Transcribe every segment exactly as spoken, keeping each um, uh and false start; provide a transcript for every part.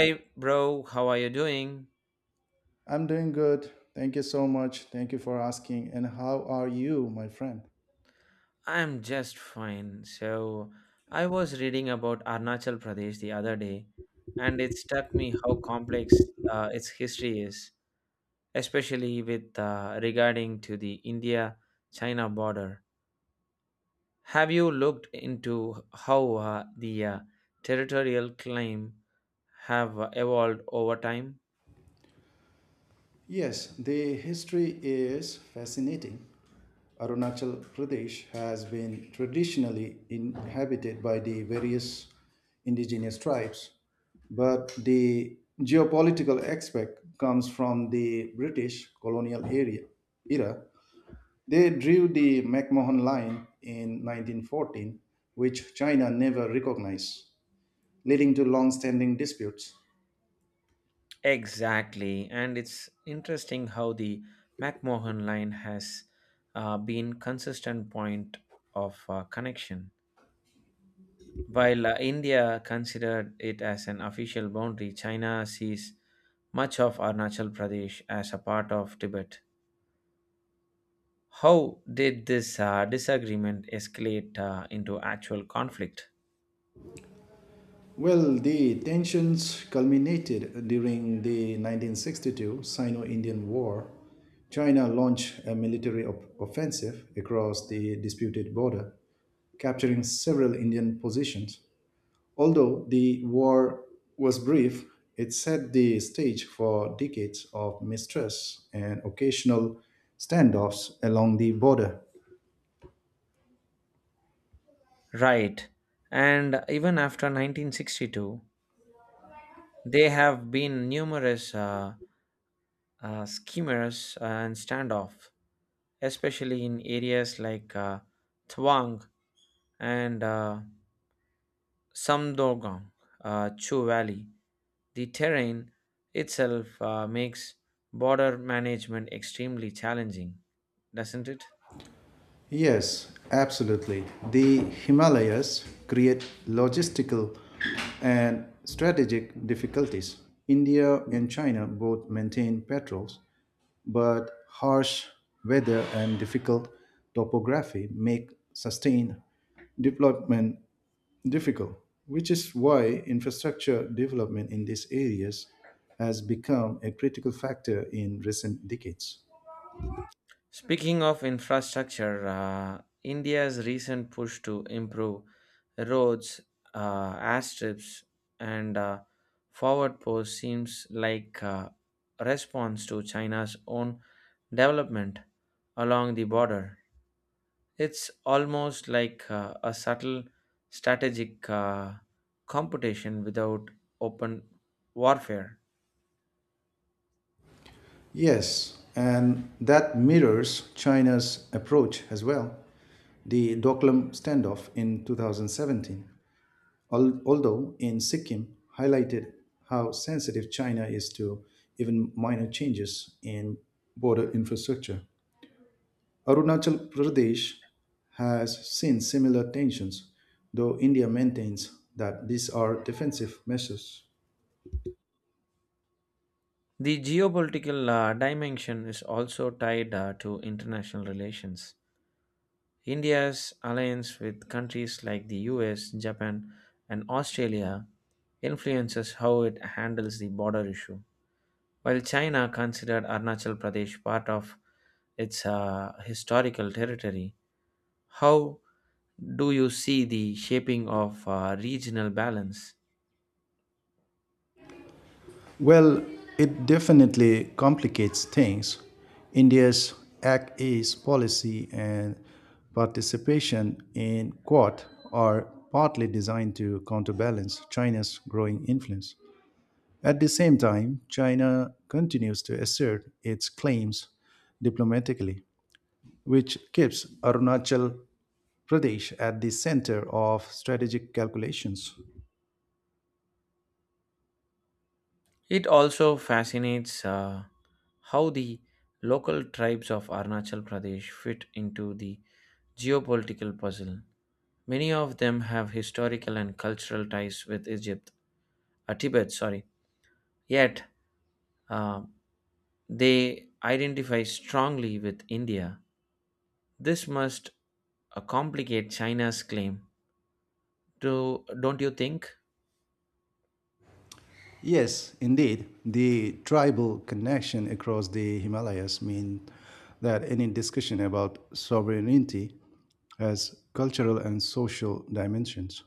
Hey bro, how are you doing? I'm doing good. Thank you so much. Thank you for asking. And how are you, my friend? I'm just fine. So, I was reading about Arunachal Pradesh the other day, and it struck me how complex uh, its history is, especially with uh, regarding to the India-China border. Have you looked into how uh, the uh, territorial claim have uh, evolved over time? Yes, the history is fascinating. Arunachal Pradesh has been traditionally inhabited by the various indigenous tribes, but the geopolitical aspect comes from the British colonial area era. They drew the McMahon Line in nineteen fourteen, which China never recognized, leading to long standing disputes. Exactly, and it's interesting how the McMahon line has uh, been consistent point of uh, connection. While uh, India considered it as an official boundary, China sees much of Arunachal Pradesh as a part of Tibet. How did this uh, disagreement escalate uh, into actual conflict? Well, the tensions culminated during the nineteen sixty-two Sino Indian War. China launched a military op- offensive across the disputed border, capturing several Indian positions. Although the war was brief, it set the stage for decades of mistrust and occasional standoffs along the border. Right, and even after nineteen sixty-two, there have been numerous. Uh, uh, schemers and standoff, especially in areas like uh, Thwang and uh, Samdogong, uh, Chu Valley. The terrain itself uh, makes border management extremely challenging, doesn't it? Yes, absolutely. The Himalayas create logistical and strategic difficulties. India and China both maintain patrols, but harsh weather and difficult topography make sustained development difficult, which is why infrastructure development in these areas has become a critical factor in recent decades. Speaking of infrastructure, uh, India's recent push to improve roads, uh, airstrips, and uh, forward posts seems like a response to China's own development along the border. It's almost like uh, a subtle strategic uh, competition without open warfare. Yes, and that mirrors China's approach as well. The Doklam standoff in two thousand seventeen, al- although in Sikkim, highlighted how sensitive China is to even minor changes in border infrastructure. Arunachal Pradesh has seen similar tensions, though India maintains that these are defensive measures. The geopolitical uh, dimension is also tied uh, to international relations. India's alliance with countries like the U S, Japan, and Australia influences how it handles the border issue. While China considered Arunachal Pradesh part of its uh, historical territory, how do you see the shaping of uh, regional balance? Well, it definitely complicates things. India's Act East policy and participation in Quad are partly designed to counterbalance China's growing influence. At the same time, China continues to assert its claims diplomatically, which keeps Arunachal Pradesh at the center of strategic calculations. It also fascinates uh, how the local tribes of Arunachal Pradesh fit into the geopolitical puzzle. Many of them have historical and cultural ties with Egypt, uh, Tibet, sorry. Yet uh, they identify strongly with India. This must uh, complicate China's claim. Do, don't you think? Yes, indeed. The tribal connection across the Himalayas mean that any discussion about sovereignty has cultural and social dimensions,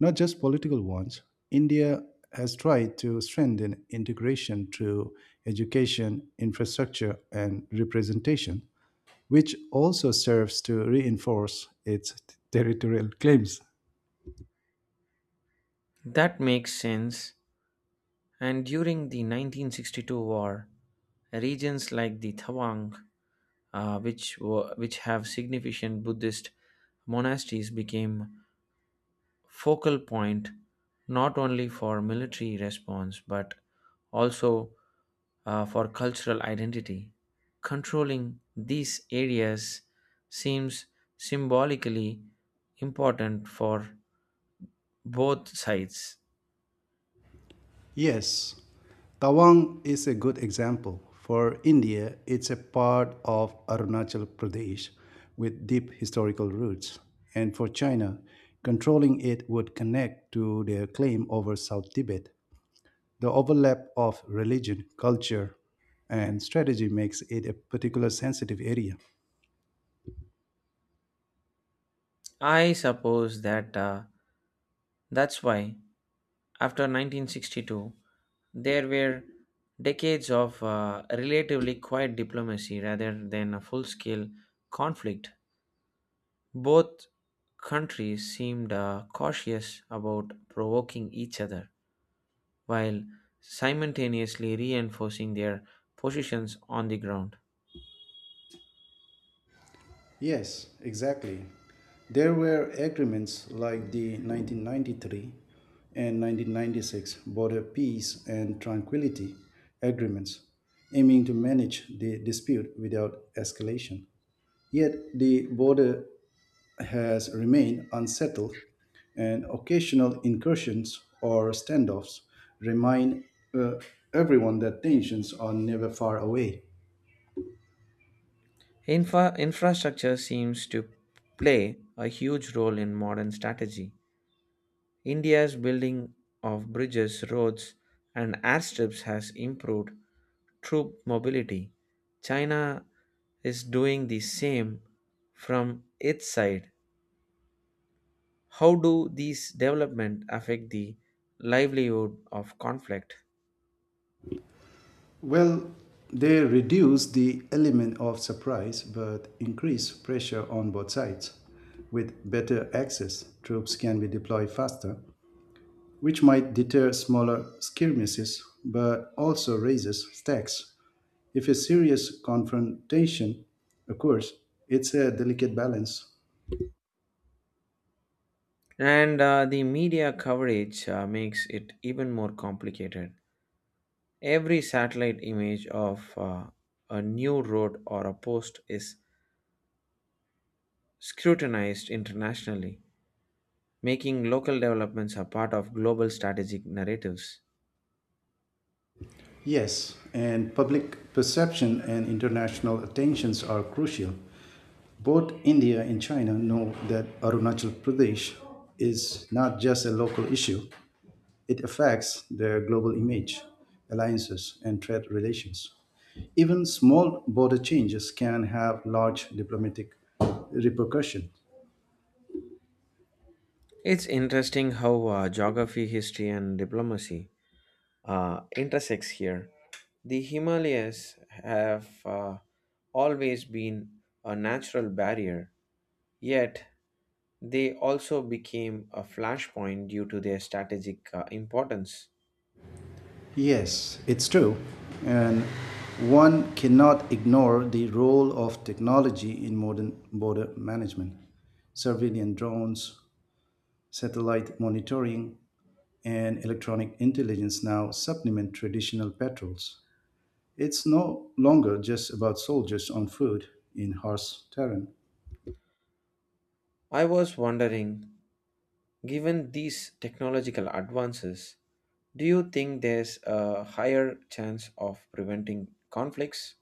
not just political ones. India has tried to strengthen integration through education, infrastructure, and representation, which also serves to reinforce its territorial claims. That makes sense. And during the nineteen sixty-two war, regions like the Tawang, uh, which, were, which have significant Buddhist monasteries, became focal point not only for military response but also uh, for cultural identity. Controlling these areas seems symbolically important for both sides. Yes, Tawang is a good example. For India, it's a part of Arunachal Pradesh with deep historical roots. And for China, controlling it would connect to their claim over South Tibet. The overlap of religion, culture, and strategy makes it a particular sensitive area. I suppose that uh, that's why after nineteen sixty-two there were decades of uh, relatively quiet diplomacy rather than a full scale conflict. Both countries seemed uh, cautious about provoking each other while simultaneously reinforcing their positions on the ground. Yes, exactly. There were agreements like the nineteen ninety-three and nineteen ninety-six Border Peace and Tranquility Agreements, aiming to manage the dispute without escalation. Yet the border has remained unsettled, and occasional incursions or standoffs remind uh, everyone that tensions are never far away. Infra- infrastructure seems to play a huge role in modern strategy. India's building of bridges, roads, and airstrips has improved troop mobility. China is doing the same from its side. How do these developments affect the livelihood of conflict? Well, they reduce the element of surprise but increase pressure on both sides. With better access, troops can be deployed faster, which might deter smaller skirmishes but also raises stakes. If a serious confrontation occurs, it's a delicate balance. And uh, the media coverage uh, makes it even more complicated. Every satellite image of uh, a new road or a post is scrutinized internationally, making local developments a part of global strategic narratives. Yes, and public perception and international attentions are crucial. Both India and China know that Arunachal Pradesh is not just a local issue, it affects their global image, alliances, and trade relations. Even small border changes can have large diplomatic repercussions. It's interesting how uh, geography, history, and diplomacy uh, intersects here. The Himalayas have uh, always been a natural barrier, yet, they also became a flashpoint due to their strategic uh, importance. Yes, it's true. And one cannot ignore the role of technology in modern border management. Surveillance drones, satellite monitoring, and electronic intelligence now supplement traditional patrols. It's no longer just about soldiers on foot in harsh terrain. I was wondering, given these technological advances, do you think there's a higher chance of preventing conflicts,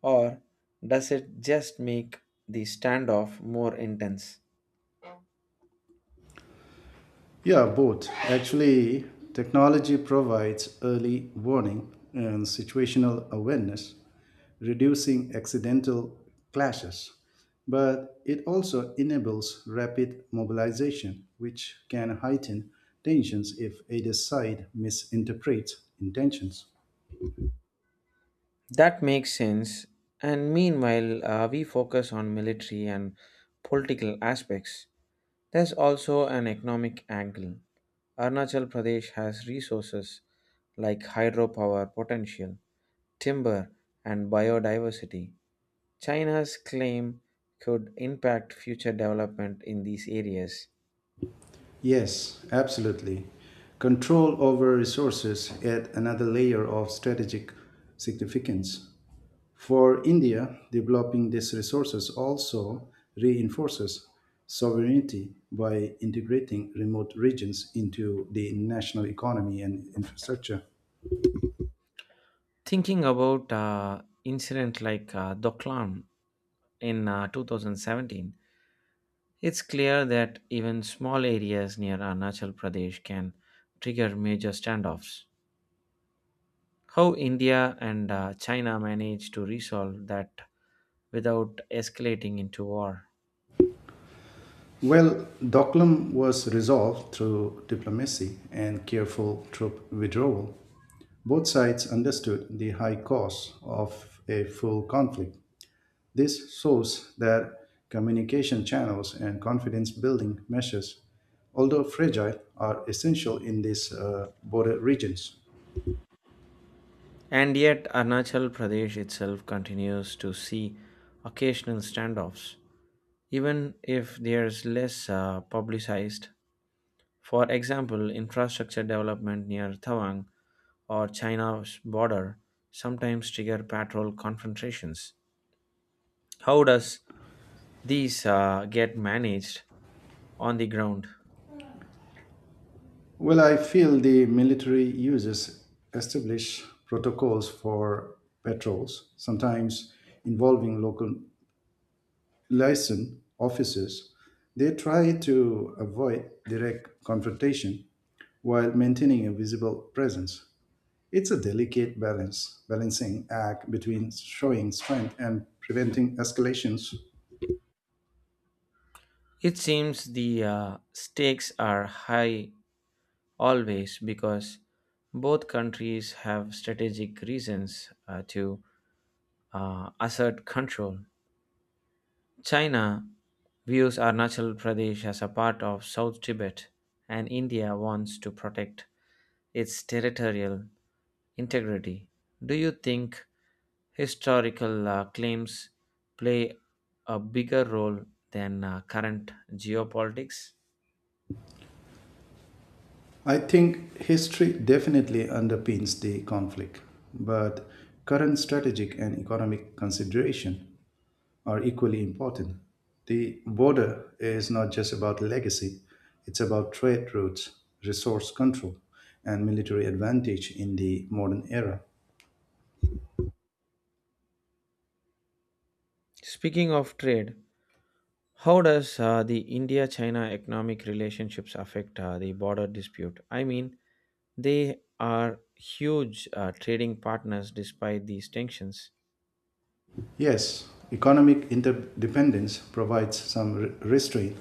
or does it just make the standoff more intense? Yeah, both. Actually, technology provides early warning and situational awareness, reducing accidental clashes. But it also enables rapid mobilization, which can heighten tensions if either side misinterprets intentions. That makes sense. And meanwhile, uh, we focus on military and political aspects. There's also an economic angle. Arunachal Pradesh has resources like hydropower potential, timber, and biodiversity. China's claim could impact future development in these areas. Yes, absolutely. Control over resources adds another layer of strategic significance. For India, developing these resources also reinforces sovereignty by integrating remote regions into the national economy and infrastructure. Thinking about uh, incident like uh, Doklam in uh, two thousand seventeen. It's clear that even small areas near Arunachal Pradesh can trigger major standoffs. How India and uh, China managed to resolve that without escalating into war. Well, Doklam was resolved through diplomacy and careful troop withdrawal. Both sides understood the high cost of a full conflict. This shows that communication channels and confidence building measures, although fragile, are essential in these uh, border regions. And yet, Arunachal Pradesh itself continues to see occasional standoffs, even if there's less uh, publicized. For example, infrastructure development near Tawang or China's border sometimes trigger patrol confrontations. How does these uh, get managed on the ground? Well, I feel the military uses establish protocols for patrols, sometimes involving local liaison officers. They try to avoid direct confrontation while maintaining a visible presence. It's a delicate balance, balancing act between showing strength and preventing escalations. It seems the uh, stakes are high always because both countries have strategic reasons uh, to uh, assert control. China views Arunachal Pradesh as a part of South Tibet, and India wants to protect its territorial integrity. Do you think historical uh, claims play a bigger role than uh, current geopolitics? I think history definitely underpins the conflict, but current strategic and economic consideration are equally important. The border is not just about legacy, it's about trade routes, resource control, and military advantage in the modern era. Speaking of trade, how does uh, the India-China economic relationships affect uh, the border dispute? I mean, they are huge uh, trading partners despite these tensions. Yes, economic interdependence provides some re- restraint.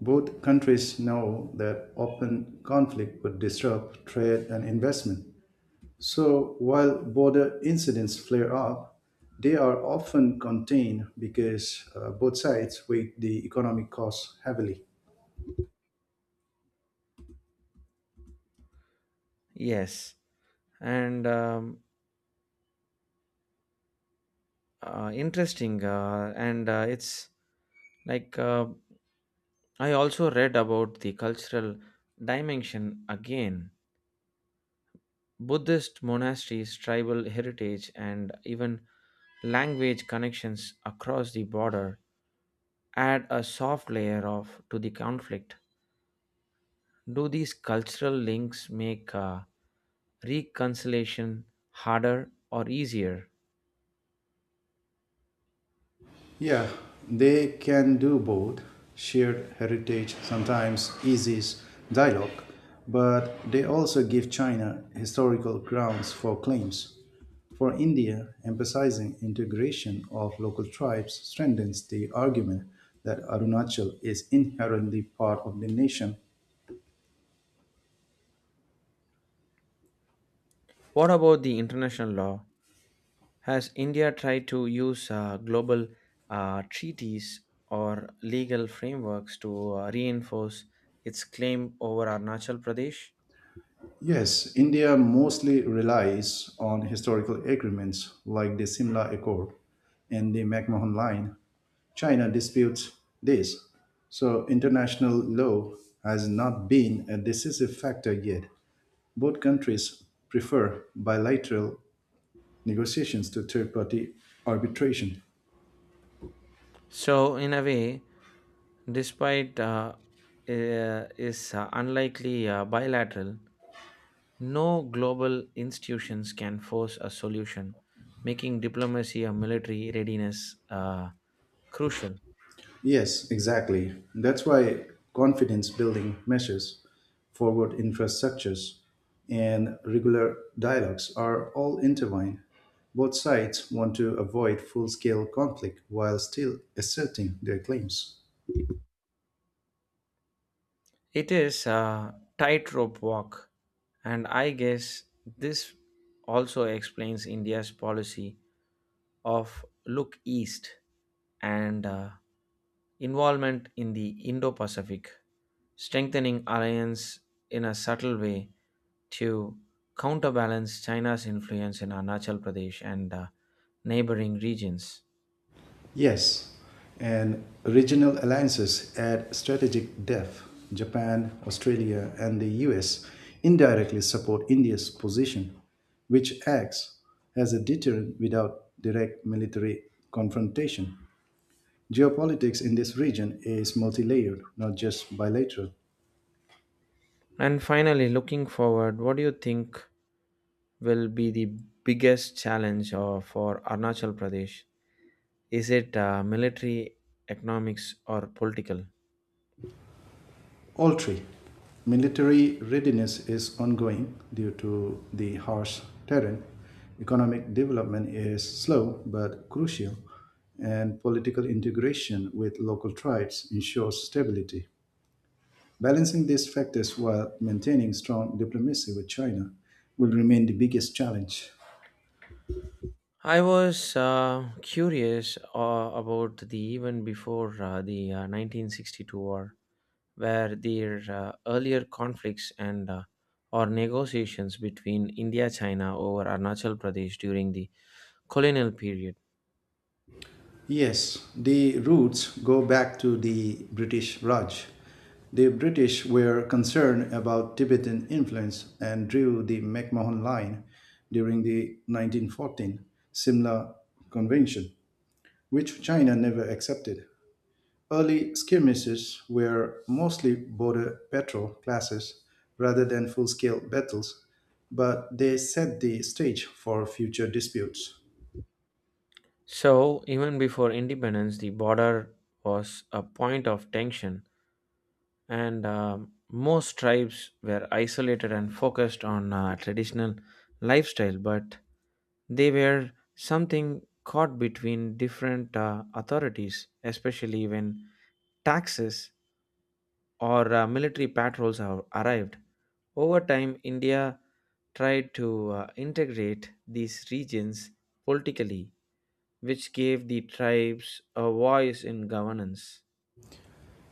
Both countries know that open conflict would disrupt trade and investment. So while border incidents flare up, they are often contained because uh, both sides weigh the economic costs heavily. Yes, and um, uh, interesting, uh, and uh, it's like uh, I also read about the cultural dimension again. Buddhist monasteries, tribal heritage, and even language connections across the border add a soft layer of to the conflict. Do these cultural links make uh, reconciliation harder or easier? Yeah, they can do both. Shared heritage sometimes eases dialogue, but they also give China historical grounds for claims. For India, emphasizing integration of local tribes strengthens the argument that Arunachal is inherently part of the nation. What about the international law? Has India tried to use uh, global uh, treaties or legal frameworks to uh, reinforce its claim over Arunachal Pradesh? Yes, India mostly relies on historical agreements like the Simla Accord and the McMahon Line. China disputes this, so international law has not been a decisive factor yet. Both countries prefer bilateral negotiations to third party arbitration. So, in a way, despite uh, uh, is uh, unlikely uh, bilateral, no global institutions can force a solution, making diplomacy or military readiness uh, crucial. Yes, exactly. That's why confidence building measures, forward infrastructures, and regular dialogues are all intertwined. Both sides want to avoid full scale conflict while still asserting their claims. It is a tightrope walk, and I guess this also explains India's policy of look east and uh, involvement in the Indo Pacific, strengthening alliance in a subtle way to counterbalance China's influence in Arunachal Pradesh and uh, neighboring regions. Yes, and regional alliances add strategic depth. Japan, Australia, and the U S indirectly support India's position, which acts as a deterrent without direct military confrontation. Geopolitics in this region is multi layered, not just bilateral. And finally, looking forward, what do you think will be the biggest challenge uh, for Arunachal Pradesh? Is it uh, military, economics, or political? All three. Military readiness is ongoing due to the harsh terrain. Economic development is slow but crucial, and political integration with local tribes ensures stability. Balancing these factors while maintaining strong diplomacy with China will remain the biggest challenge. I was uh, curious uh, about the event before uh, the uh, nineteen sixty-two war, where their uh, earlier conflicts and uh, or negotiations between India China over Arunachal Pradesh during the colonial period. Yes, the roots go back to the British Raj. The British were concerned about Tibetan influence and drew the McMahon Line during the nineteen fourteen Simla Convention, which China never accepted. Early skirmishes were mostly border patrol clashes rather than full scale battles, but they set the stage for future disputes. So even before independence, the border was a point of tension, and um most tribes were isolated and focused on uh, traditional lifestyle, but they were something caught between different uh, authorities, especially when taxes or uh, military patrols have arrived. Over time, India tried to uh, integrate these regions politically, which gave the tribes a voice in governance.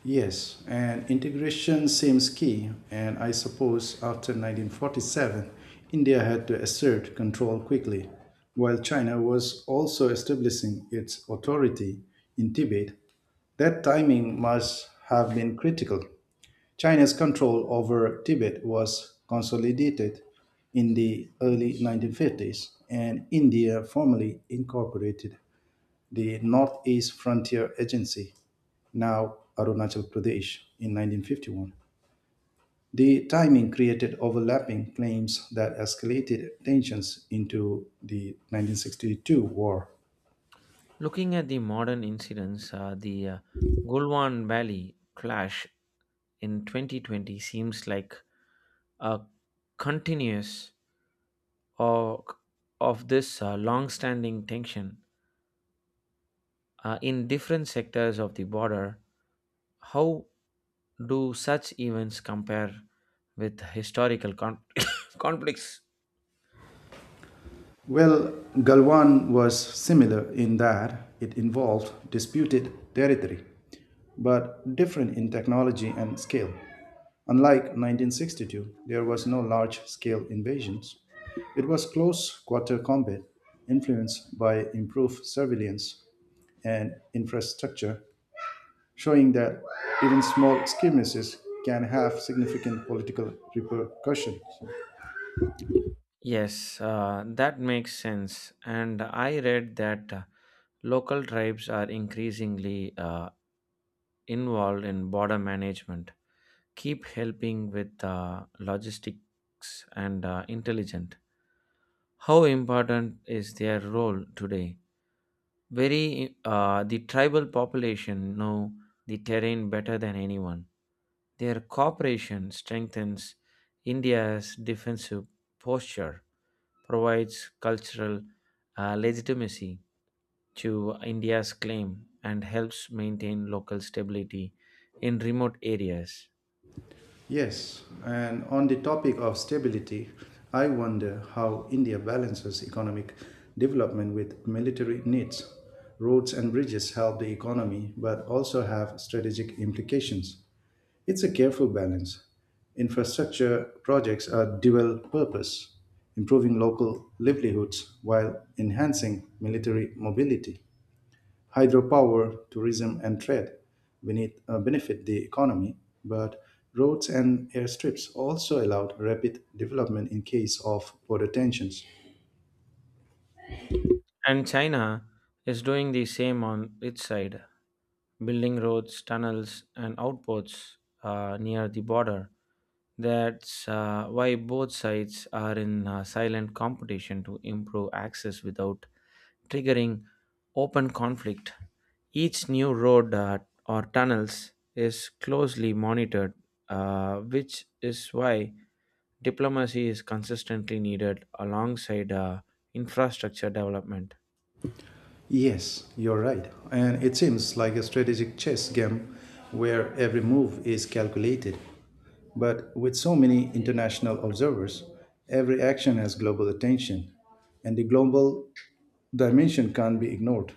Yes, and integration seems key, and I suppose after nineteen forty-seven, India had to assert control quickly, while China was also establishing its authority in Tibet. That timing must have been critical. China's control over Tibet was consolidated in the early nineteen fifties, and India formally incorporated the Northeast Frontier Agency, now Arunachal Pradesh, in nineteen fifty-one. The timing created overlapping claims that escalated tensions into the nineteen sixty-two war. Looking at the modern incidents, uh, the uh, Gulwan Valley clash in twenty twenty seems like a continuous of, of this uh, long standing tension uh, in different sectors of the border. How do such events compare with historical con- conflicts? Well, Galwan was similar in that it involved disputed territory, but different in technology and scale. Unlike nineteen sixty-two, there was no large scale invasions. It was close quarter combat, influenced by improved surveillance and infrastructure, showing that even small skirmishes can have significant political repercussions. Yes, uh, that makes sense. And I read that uh, local tribes are increasingly uh, involved in border management, keep helping with uh, logistics and uh, intelligent. How important is their role today? Very, uh, the tribal population know the terrain better than anyone. Their cooperation strengthens India's defensive posture, provides cultural uh, legitimacy to India's claim, and helps maintain local stability in remote areas. Yes, and on the topic of stability, I wonder how India balances economic development with military needs. Roads and bridges help the economy but also have strategic implications. It's a careful balance. Infrastructure projects are dual purpose, improving local livelihoods while enhancing military mobility. Hydropower, tourism, and trade benefit, uh, benefit the economy, but roads and airstrips also allowed rapid development in case of border tensions. And China is doing the same on its side, building roads, tunnels, and outposts uh, near the border. That's uh, why both sides are in uh, silent competition to improve access without triggering open conflict. Each new road uh, or tunnels is closely monitored, uh, which is why diplomacy is consistently needed alongside uh, infrastructure development. Yes, you're right. And it seems like a strategic chess game where every move is calculated. But with so many international observers, every action has global attention, and the global dimension can't be ignored.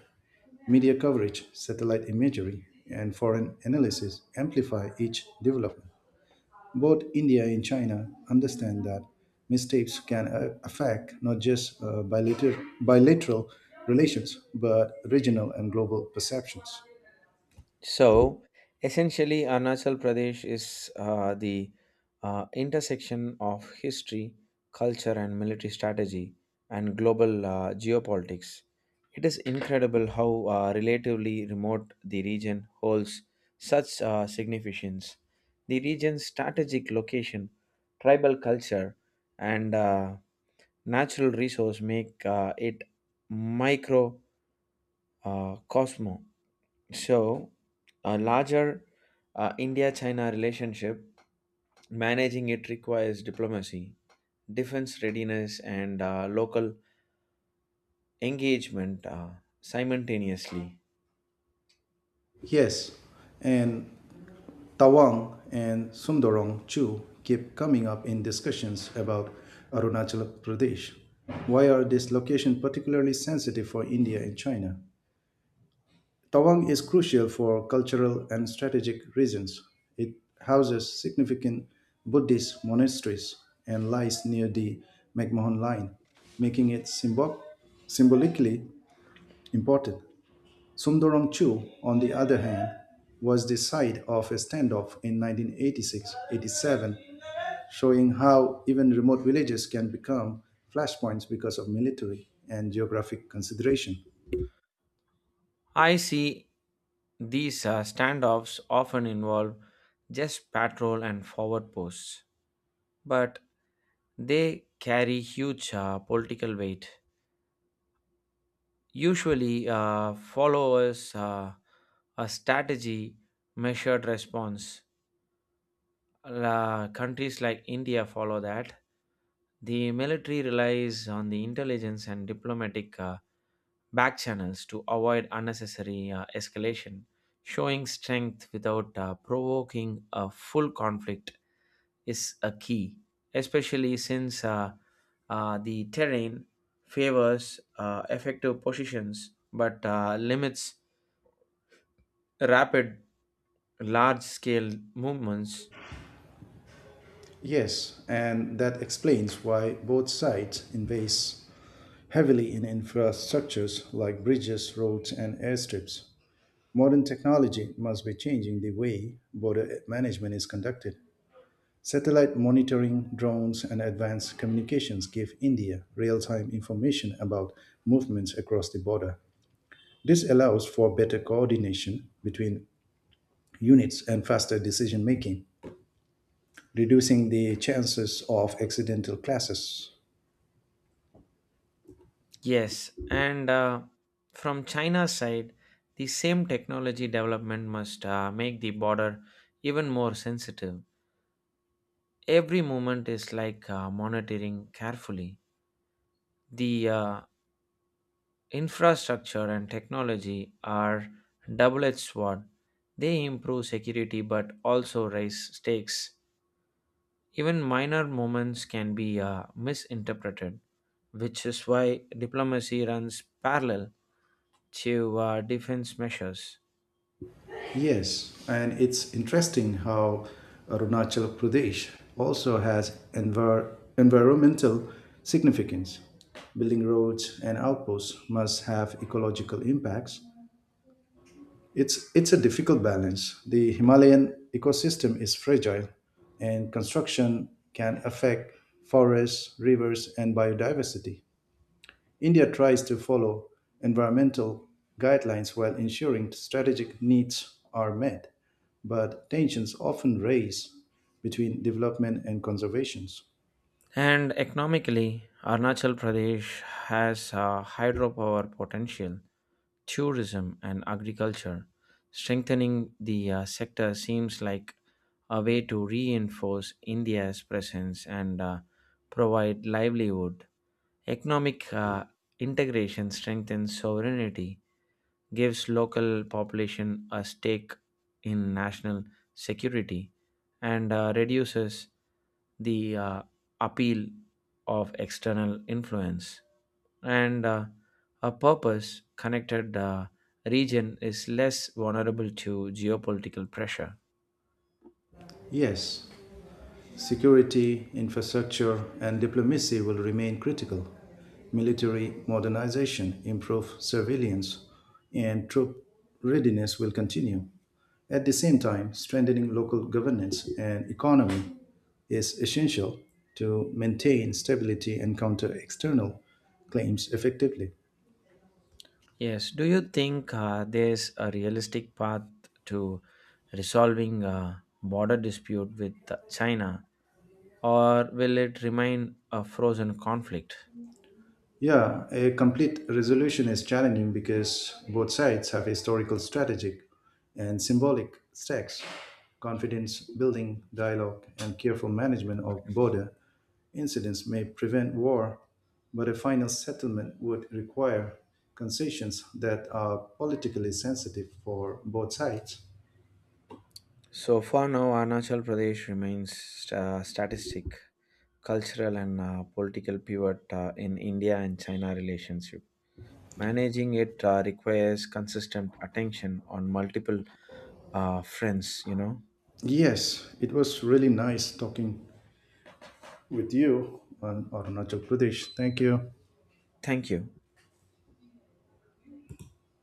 Media coverage, satellite imagery, and foreign analysis amplify each development. Both India and China understand that mistakes can uh, affect not just uh, bilater- bilateral relations, but regional and global perceptions. So essentially, Arunachal Pradesh is uh, the uh, intersection of history, culture, and military strategy and global uh, geopolitics. It is incredible how uh, relatively remote the region holds such uh, significance. The region's strategic location, tribal culture, and uh, natural resource make uh, it microcosmo so, a larger uh, India China relationship, managing it requires diplomacy, defense readiness, and uh, local engagement uh, simultaneously. Yes, and Tawang and Sundarong Chu keep coming up in discussions about Arunachal Pradesh. Why are these locations particularly sensitive for India and China? Tawang is crucial for cultural and strategic reasons. It houses significant Buddhist monasteries and lies near the McMahon Line, making it symbol- symbolically important. Sundaram Chu, on the other hand, was the site of a standoff in nineteen eighty-six eighty-seven, showing how even remote villages can become flashpoints because of military and geographic consideration. I see these uh, standoffs often involve just patrol and forward posts, but they carry huge uh, political weight. Usually, uh, followers uh, a strategy measured response La countries like India follow that. The military relies on the intelligence and diplomatic uh, back channels to avoid unnecessary uh, escalation. Showing strength without uh, provoking a full conflict is a key, especially since uh, uh, the terrain favors uh, effective positions but uh, limits rapid large scale movements. Yes, and that explains why both sides invest heavily in infrastructures like bridges, roads, and airstrips. Modern technology must be changing the way border management is conducted. Satellite monitoring, drones, and advanced communications give India real time information about movements across the border. This allows for better coordination between units and faster decision making, reducing the chances of accidental clashes. Yes, and uh, from China's side, the same technology development must uh, make the border even more sensitive. Every movement is like uh, monitoring carefully. The uh, infrastructure and technology are double edged sword. They improve security but also raise stakes. Even minor movements can be uh, misinterpreted, which is why diplomacy runs parallel to uh, defense measures. Yes, and it's interesting how Arunachal Pradesh also has envir- environmental significance. Building roads and outposts must have ecological impacts. It's, it's a difficult balance. The Himalayan ecosystem is fragile, and construction can affect forests, rivers, and biodiversity. India tries to follow environmental guidelines while ensuring strategic needs are met, but tensions often raise between development and conservation. And economically, Arunachal Pradesh has a hydropower potential, tourism, and agriculture. Strengthening the uh, sector seems like a way to reinforce India's presence and uh, provide livelihood. Economic uh, integration strengthens sovereignty gives local population a stake in national security and uh, reduces the uh, appeal of external influence and uh, a purpose connected uh, region is less vulnerable to geopolitical pressure. Yes, security, infrastructure, and diplomacy will remain critical. Military modernization, improved surveillance, and troop readiness will continue. At the same time, strengthening local governance and economy is essential to maintain stability and counter external claims effectively. Yes, do you think uh, there's a realistic path to resolving a border dispute with china or will it remain a frozen conflict? Yeah, a complete resolution is challenging because both sides have historical, strategic, and symbolic stakes. Confidence building, dialogue, and careful management of border incidents may prevent war, but a final settlement would require concessions that are politically sensitive for both sides. So far now, Arunachal Pradesh remains uh, statistic, cultural, and uh, political pivot uh, in India and China relationship. Managing it uh, requires consistent attention on multiple uh, fronts. You know. Yes, it was really nice talking with you on Arunachal Pradesh. Thank you. Thank you.